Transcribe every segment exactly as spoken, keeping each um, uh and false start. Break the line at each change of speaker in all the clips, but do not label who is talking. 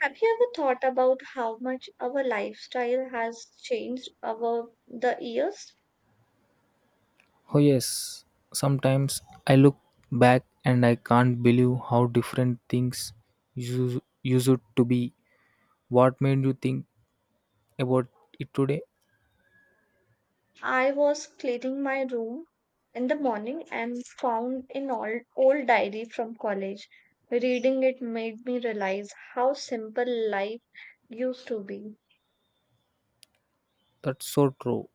Have you ever thought about how much our lifestyle has changed over the years?
Oh, yes. Sometimes I look back and I can't believe how different things used, used to be. What made you think about it today?
I was cleaning my room in the morning and found an old, old diary from college. Reading it made me realize how simple life used to be.
That's so true.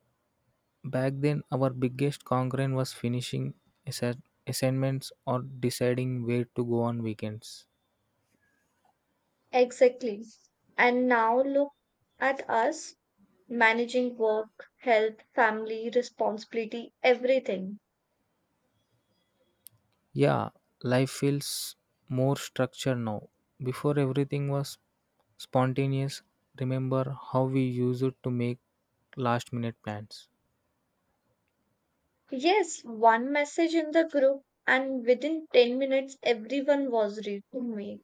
Back then, our biggest concern was finishing assa- assignments or deciding where to go on weekends.
Exactly. And now look at us managing work, health, family, responsibility, everything.
Yeah, life feels more structured now. Before, everything was spontaneous. Remember how we used to make last minute plans.
Yes, one message in the group, and within ten minutes, everyone was reading me.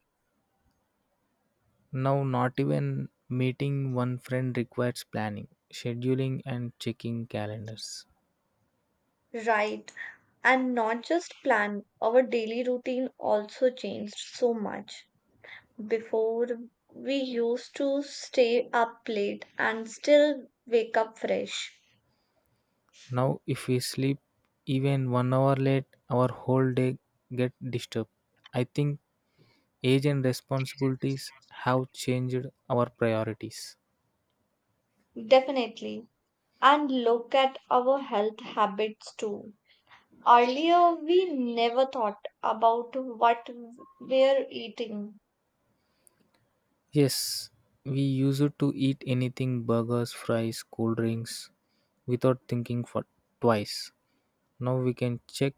Now, not even meeting one friend requires planning, scheduling, and checking calendars.
Right. And not just plan, our daily routine also changed so much. Before, we used to stay up late and still wake up fresh.
Now, if we sleep even one hour late, our whole day get disturbed. I think age and responsibilities have changed our priorities.
Definitely. And look at our health habits too. Earlier, we never thought about what we're eating.
Yes, we used to eat anything burgers, fries, cool drinks without thinking for twice. Now we can check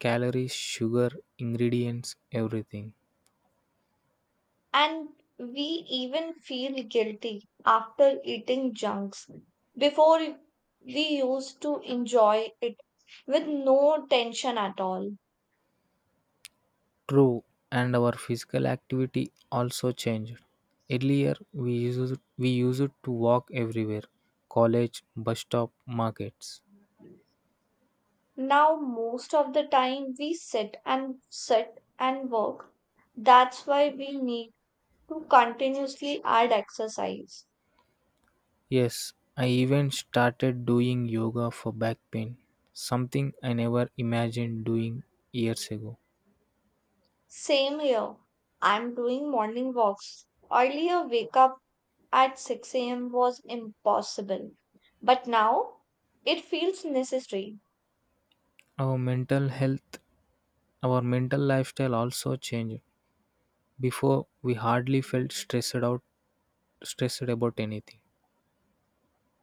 calories, sugar, ingredients, everything.
And we even feel guilty after eating junks. Before, we used to enjoy it with no tension at all.
True, and our physical activity also changed. Earlier, we used we used to walk everywhere, college, bus stop, markets.
Now, most of the time, we sit and sit and work. That's why we need to continuously add exercise.
Yes, I even started doing yoga for back pain, something I never imagined doing years ago.
Same here. I'm doing morning walks. Earlier, wake up at six a m was impossible, but now it feels necessary.
Our mental health, our mental lifestyle also changed. Before, we hardly felt stressed out, stressed about anything.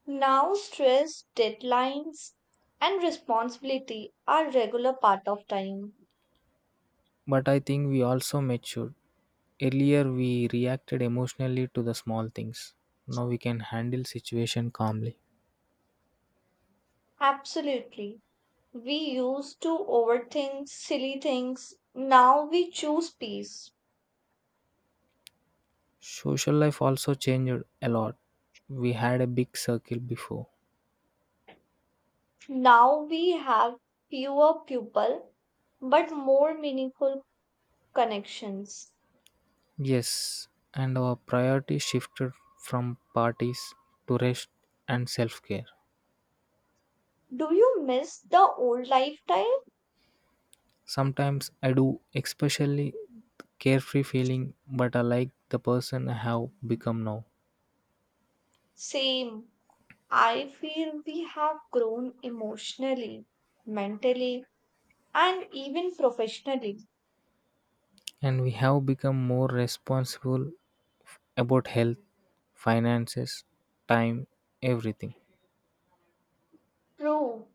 Now, stress, deadlines, and responsibility are regular part of time.
But I think we also matured. Earlier we reacted emotionally to the small things. Now we can handle situation calmly.
Absolutely. We used to overthink silly things. Now we choose peace.
Social life also changed a lot. We had a big circle before.
Now we have fewer people but more meaningful connections.
Yes, and our priority shifted from parties to rest and self-care.
Do you miss the old lifestyle?
Sometimes I do especially carefree feeling but I like the person I have become now.
Same. I feel we have grown emotionally, mentally, and even professionally.
And we have become more responsible about health, finances, time, everything.
True.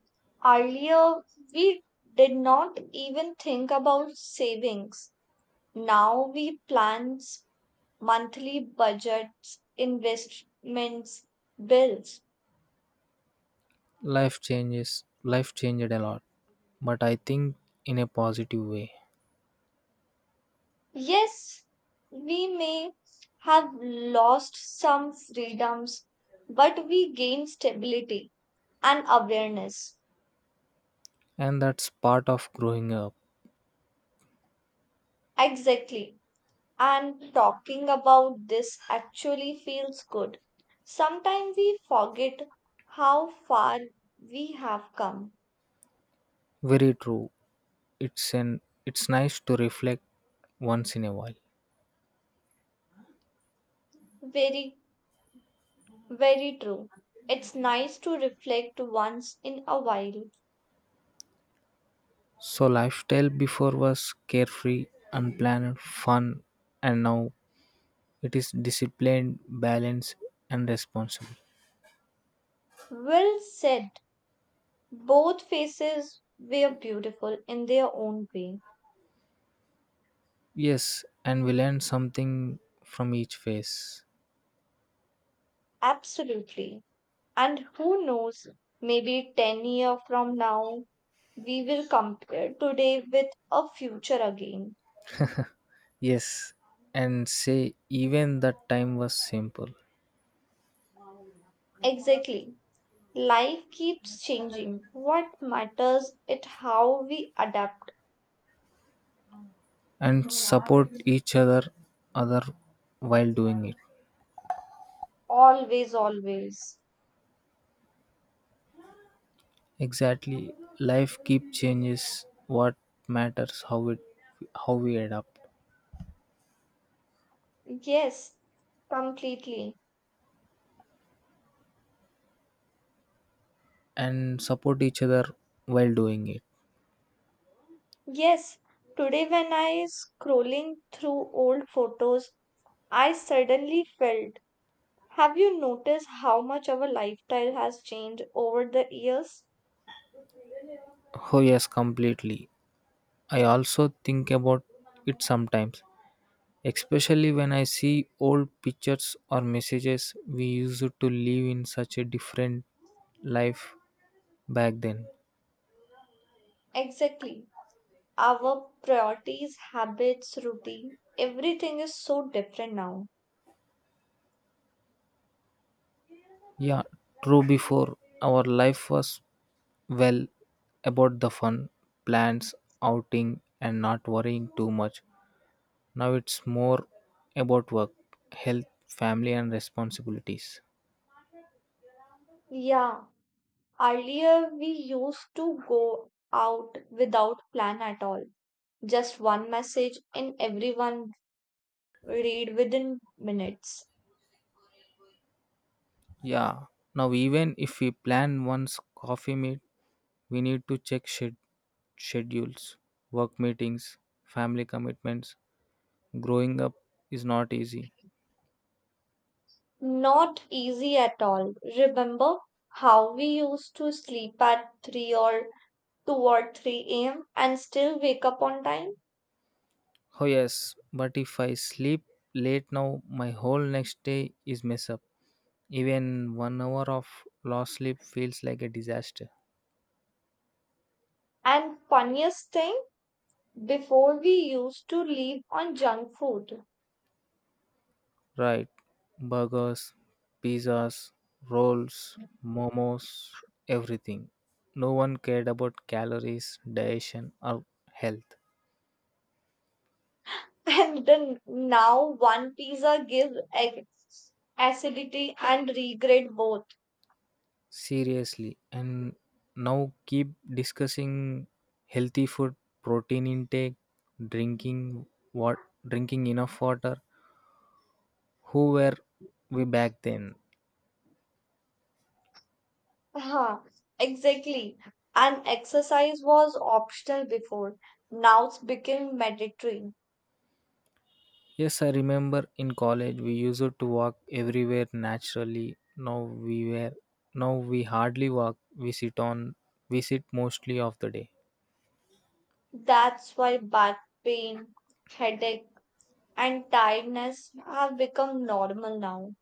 Earlier, we did not even think about savings. Now we plan s- monthly budgets, investments, bills.
life changes Life changed a lot, but I think in a positive way.
Yes, we may have lost some freedoms, but we gain stability and awareness.
And that's part of growing up.
Exactly. And talking about this actually feels good. Sometimes we forget how far we have come.
Very true. it's an it's nice to reflect once in a while.
Very, very true. It's nice to reflect once in a while.
So lifestyle before was carefree, unplanned fun, and now it is disciplined, balanced, and responsible.
Well said. Both faces were beautiful in their own way.
Yes, and we learn something from each phase.
Absolutely. And who knows, maybe ten years from now, we will compare today with a future again.
Yes, and say even that time was simple
Exactly. Life keeps changing. What matters is how we adapt.
and support each other other while doing it.
Always, always.
Exactly. Life keep changes, what matters how it, how we adapt
Yes, completely.
and support each other while doing it.
Yes, today when I scrolling through old photos, I suddenly felt. Have you noticed how much our lifestyle has changed over the years?
Oh yes, completely. I also think about it sometimes. Especially when I see old pictures or messages we used to live in such a different life back then.
Exactly. Our priorities, habits, routine, everything is so different now.
Yeah, true, before our life was, well, about the fun, plans, outing and not worrying too much. Now it's more about work, health, family and responsibilities.
Yeah, earlier, we used to go out without plan at all. Just one message and everyone read within minutes.
Yeah. Now even if we plan once coffee meet we need to check sched- schedules, work meetings, family commitments. Growing up is not easy.
Not easy at all. Remember how we used to sleep at three or two or three a m and still wake up on time?
Oh, yes, but if I sleep late now, my whole next day is mess up. Even one hour of lost sleep feels like a disaster.
And funniest thing, before we used to live on junk food.
Right, burgers, pizzas, rolls, momos, everything. No one cared about calories, diet, or health.
And then now one pizza gives ac- acidity and regret both.
Seriously. And now keep discussing healthy food, protein intake, drinking what drinking enough water. Who were we back then?
Huh, exactly. And exercise was optional before. Now it's become mandatory.
Yes, I remember in college we used to walk everywhere naturally. Now we were now we hardly walk. We sit on we sit mostly of the day.
That's why back pain, headache, and tiredness have become normal now.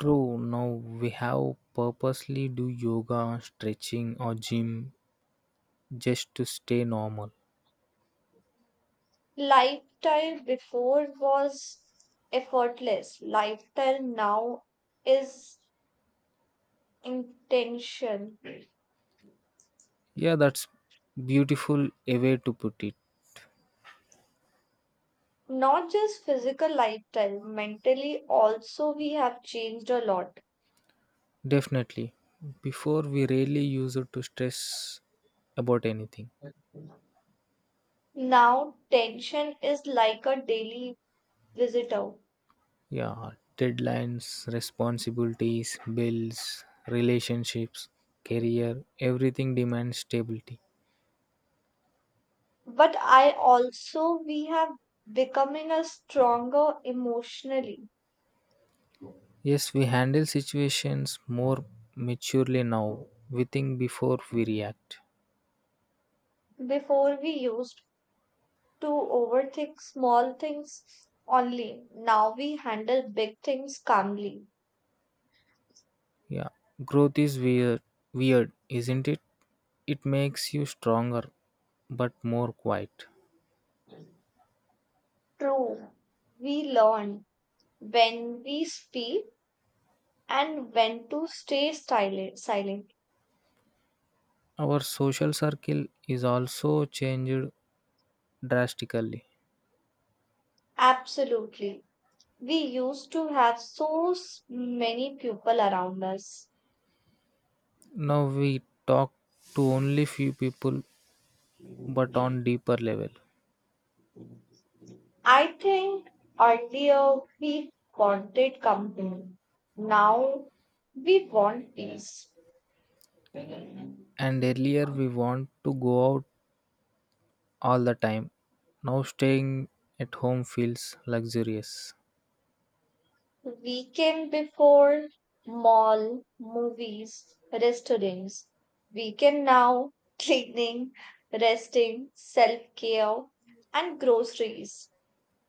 True, now we have purposely do yoga, stretching or gym just to stay normal.
Lifestyle before was effortless. Lifestyle now is intentional.
Yeah, that's beautiful a way to put it.
Not just physical lifestyle, mentally also we have changed a lot.
Definitely. Before we rarely use it to stress about anything.
Now, tension is like a daily visitor.
Yeah, deadlines, responsibilities, bills, relationships, career, everything demands stability.
But I also, we have becoming a stronger emotionally.
Yes, we handle situations more maturely now. We think before we react.
Before we used to overthink small things only. Now we handle big things calmly.
Yeah, growth is weird, weird, isn't it? It makes you stronger, but more quiet.
True, we learn when we speak and when to stay silent. silent.
Our social circle is also changed drastically.
Absolutely. We used to have so s- many people around us.
Now we talk to only few people but on deeper level.
I think earlier we wanted company. Now we want peace.
And earlier we want to go out all the time. Now staying at home feels luxurious.
Weekend before, mall, movies, restaurants. Weekend now, cleaning, resting, self care, and groceries.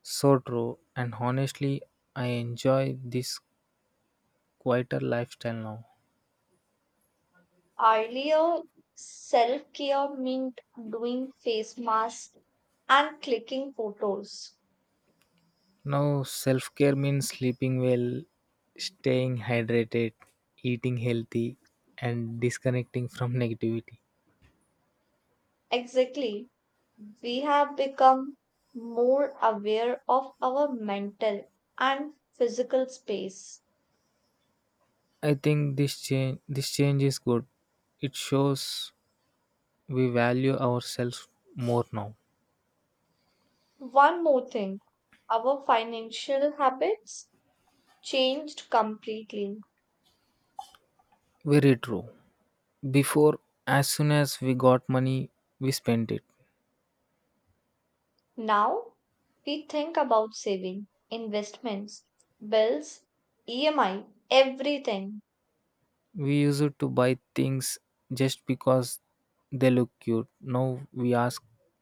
So true and honestly I enjoy this quieter lifestyle now.
Earlier, self care meant doing face masks and clicking photos.
Now self-care means sleeping well, staying hydrated, eating healthy and disconnecting from negativity.
Exactly. We have become more aware of our mental and physical space.
I think this change this change is good. It shows we value ourselves more now.
One more thing our financial habits changed completely.
Very true. Before, as soon as we got money, we spent it.
Now we think about saving, investments, bills, E M I, everything.
We used to buy things just because they look cute. Now we ask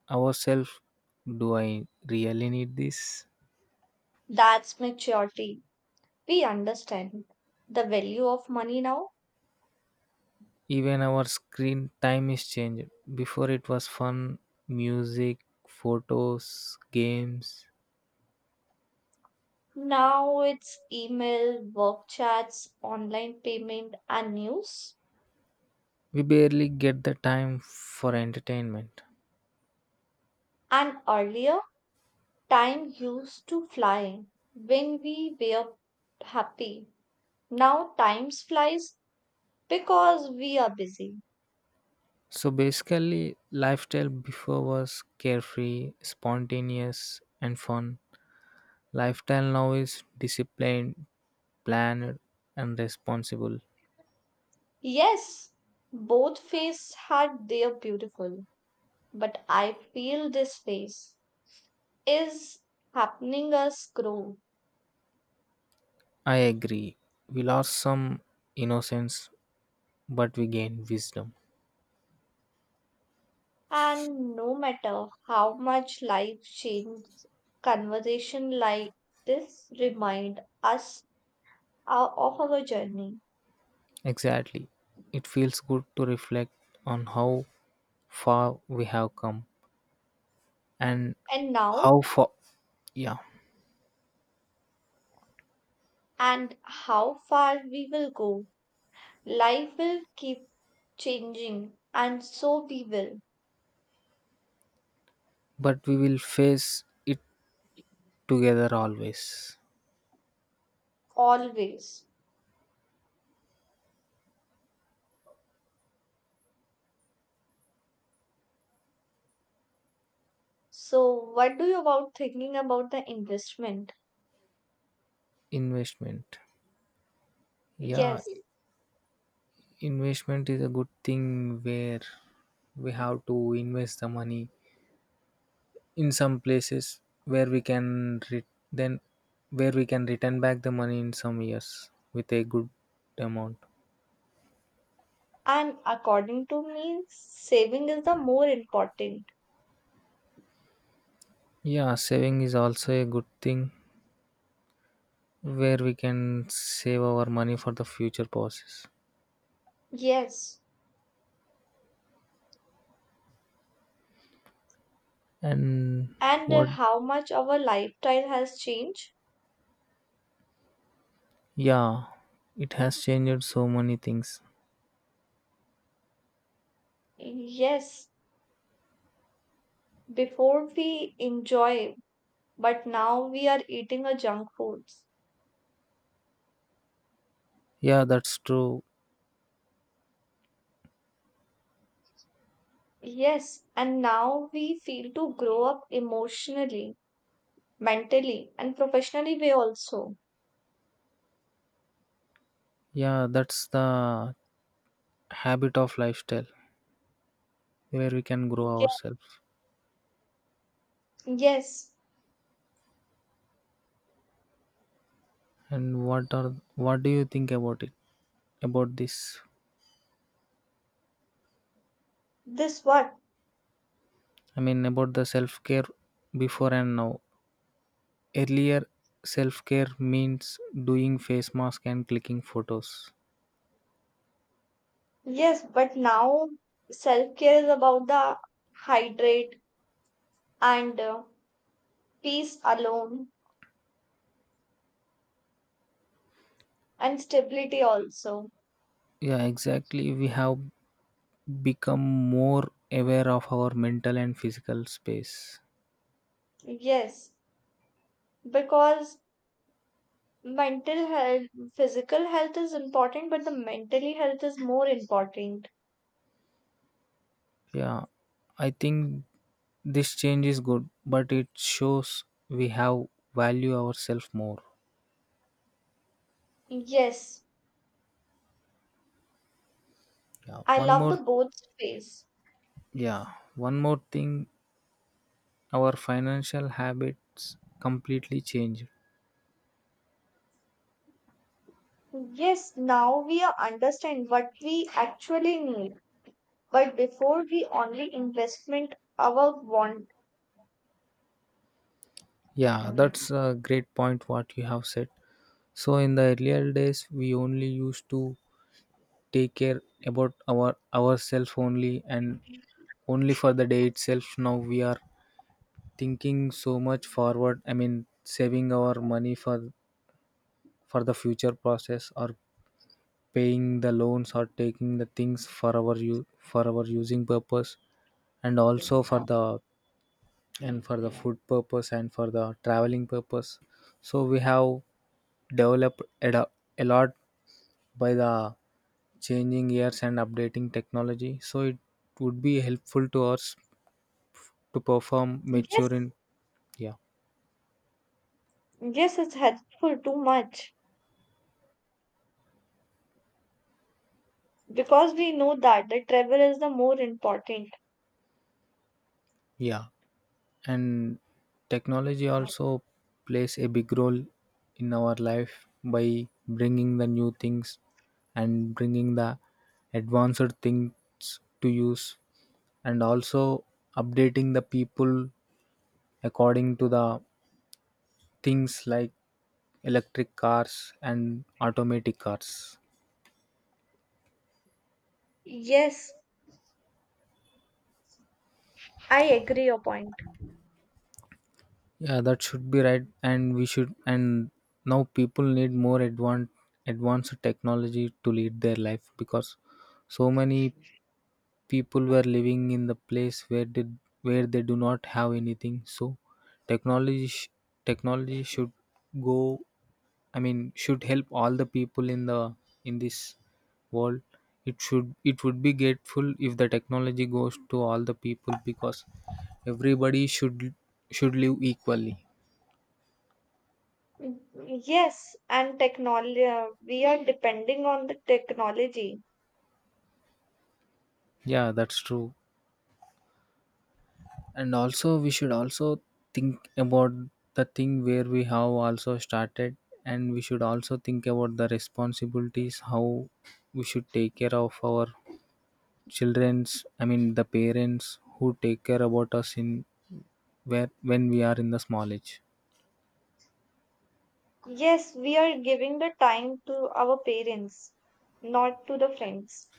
ourselves, do I really need this?
That's maturity. We understand the value of money now.
Even our screen time is changed. Before it was fun, music, photos, games,
Now it's email, work chats, online payment, and news.
we barely get the time for entertainment.
And earlier, time used to fly when we were happy. Now, time flies because we are busy.
So basically, lifestyle before was carefree, spontaneous, and fun. Lifestyle now is disciplined, planned, and responsible.
Yes, both phases had their beautiful, but I feel this phase is happening us grow.
I agree. We lost some innocence, but we gained wisdom.
And no matter how much life changes, conversation like this remind us uh, of our journey.
Exactly. It feels good to reflect on how far we have come and
And now
how far, yeah,
and how far we will go. Life will keep changing, and so we will
but we will face it together always.
always. So, what do you about thinking about the investment?
Investment. Yeah,
Yes,
investment is a good thing where we have to invest the money in some places where we can re- then where we can return back the money in some years with a good amount.
and according to me, saving is the more important.
Yeah, saving is also a good thing where we can save our money for the future purposes.
Yes,
And
and uh,
what?
how much our lifestyle has changed?
Yeah, it has changed so many things.
Yes, before we enjoy, but now we are eating a junk foods.
Yeah, that's true.
Yes, and now we feel to grow up emotionally, mentally, and professionally way also.
Yeah, that's the habit of lifestyle where we can grow
Ye-
ourselves.
Yes,
And what are what do you think about it? About this?
this what?
I mean about the self-care before and now. Earlier self-care means doing face mask and clicking photos.
Yes, but now self care is about the hydrate and uh, peace alone and stability also.
Yeah, exactly. We have become more aware of our mental and physical space.
Yes, because mental health, physical health is important, but the mentally health is more important.
Yeah, I think this change is good, but it shows we have value ourselves more.
Yes,
Yeah,
I
one
love the
more
both phase.
yeah, one more thing, our financial habits completely changed.
Yes, now we are understand what we actually need. But before we only investment our want.
Yeah, that's a great point what you have said. So in the earlier days we only used to take care about our ourselves only and only for the day itself. Now we are thinking so much forward. I mean saving our money for for the future process or paying the loans or taking the things for our u- for our using purpose and also for the and for the food purpose and for the traveling purpose. So we have developed a do- a lot by the changing years and updating technology, so it would be helpful to us to perform
Yes,
mature in, yeah,
yes, it's helpful too much because we know that the travel is the more important.
yeah. And technology also plays a big role in our life by bringing the new things and bringing the advanced things to use and also updating the people according to the things like electric cars and automatic cars.
Yes, I agree your point.
Yeah, that should be right, and we should. And now people need more advanced advanced technology to lead their life because so many people were living in the place where did where they do not have anything. So technology sh- technology should go. I mean, should help all the people in the in this world. It should it would be grateful if the technology goes to all the people because everybody should should live equally.
Mm, yes, and technology, we are depending on the technology.
Yeah, that's true. And also, we should also think about the thing where we have also started, and we should also think about the responsibilities how we should take care of our children's. I mean, the parents who take care about us in where when we are in the small age.
Yes, we are giving the time to our parents, not to the friends.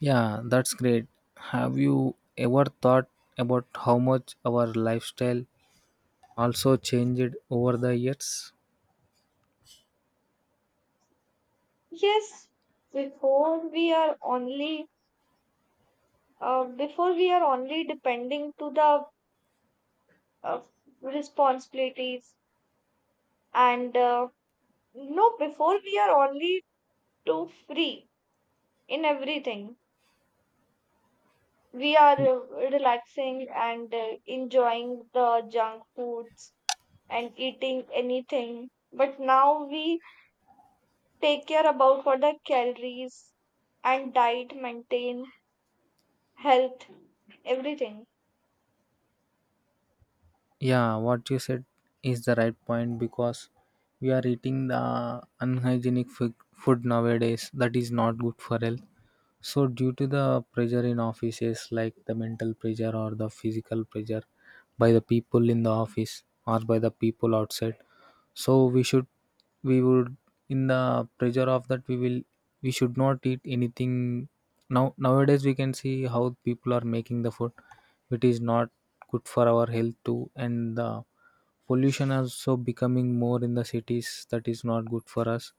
Yeah, that's great. Have you ever thought about how much our lifestyle also changed over the years?
Yes, before we are only uh, before we are only depending to the uh, responsibilities and uh, no before we are only too free in everything. We are uh, relaxing and uh, enjoying the junk foods and eating anything. But now we take care about for the calories and diet, maintain health, everything.
Yeah, what you said is the right point because we are eating the unhygienic food food nowadays that is not good for health. So due to the pressure in offices like the mental pressure or the physical pressure by the people in the office or by the people outside, so we should we would in the pressure of that we will we should not eat anything. Now nowadays we can see how people are making the food. It is not good for our health too. And the pollution also becoming more in the cities that is not good for us.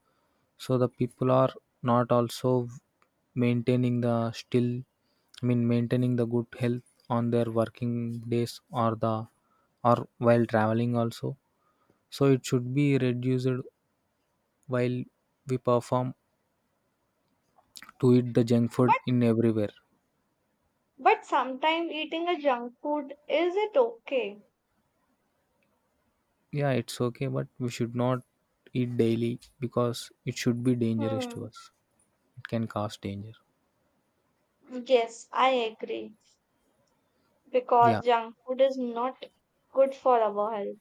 So the people are not also maintaining the still, I mean maintaining the good health on their working days or the or while traveling also. So it should be reduced while we perform to eat the junk food in everywhere.
But sometimes eating a junk food, is it okay?
Yeah, it's okay, but we should not eat daily because it should be dangerous
Hmm.
to us. It can cause danger.
Yes, I agree.
Yeah,
Because junk food is not good for our health.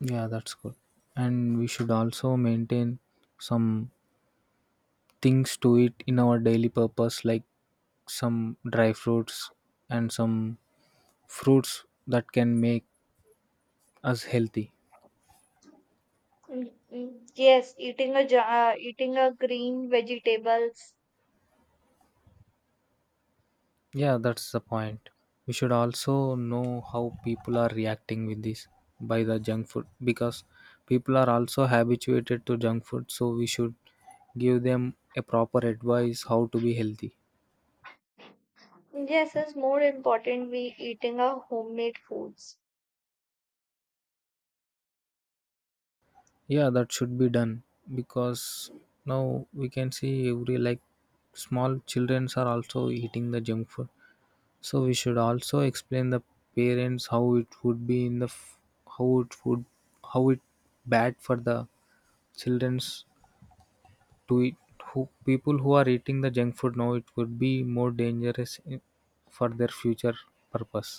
yeah, that's good. And we should also maintain some things to eat in our daily purpose, like some dry fruits and some fruits that can make us healthy.
Mm, mm. Yes, eating a ju- uh, eating a green vegetables.
Yeah, that's the point. We should also know how people are reacting with this by the junk food because people are also habituated to junk food, so we should give them a proper advice how to be healthy.
Yes, is more important we eating a homemade foods.
Yeah, that should be done because now we can see every like small childrens are also eating the junk food. So we should also explain the parents how it would be in the f- how it would, how it bad for the children's to it, who people who are eating the junk food now. It could be more dangerous, i- for their future purpose.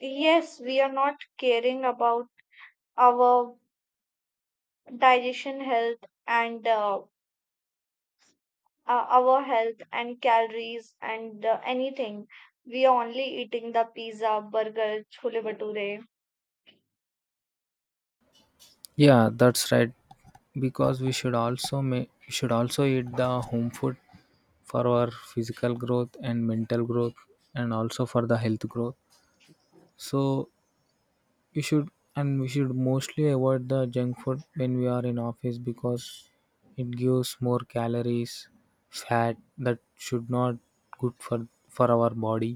Yes, we are not caring about our digestion health and uh, uh, our health and calories and uh, anything. We are only eating the pizza, burger, chhole bhature.
Yeah, that's right, because we should also make we should also eat the home food for our physical growth and mental growth and also for the health growth. So you should, and we should mostly avoid the junk food when we are in office because it gives more calories, fat, that should not good for for our body.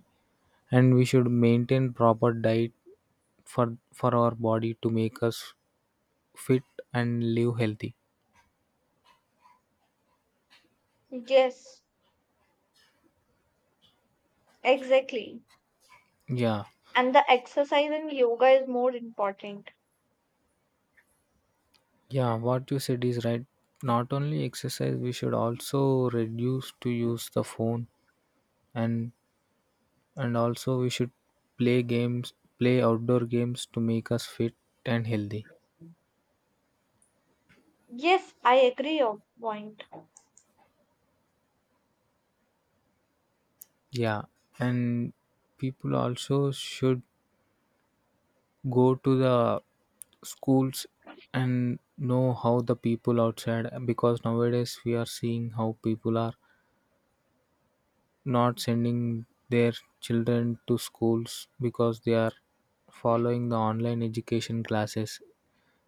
And we should maintain proper diet for for our body to make us fit and live healthy.
Yes, exactly.
Yeah,
And the exercise and yoga is more important.
yeah, what you said is right. Not only exercise, we should also reduce to use the phone. and and also we should play games, play outdoor games to make us fit and healthy.
Yes, I agree your point.
Yeah, and people also should go to the schools and know how the people outside because nowadays we are seeing how people are not sending their children to schools because they are following the online education classes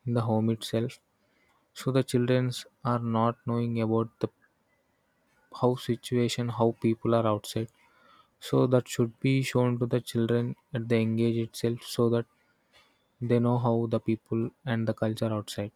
in the home itself. So the childrens are not knowing about the how situation how people are outside. So that should be shown to the children at the engage itself so that they know how the people and the culture outside.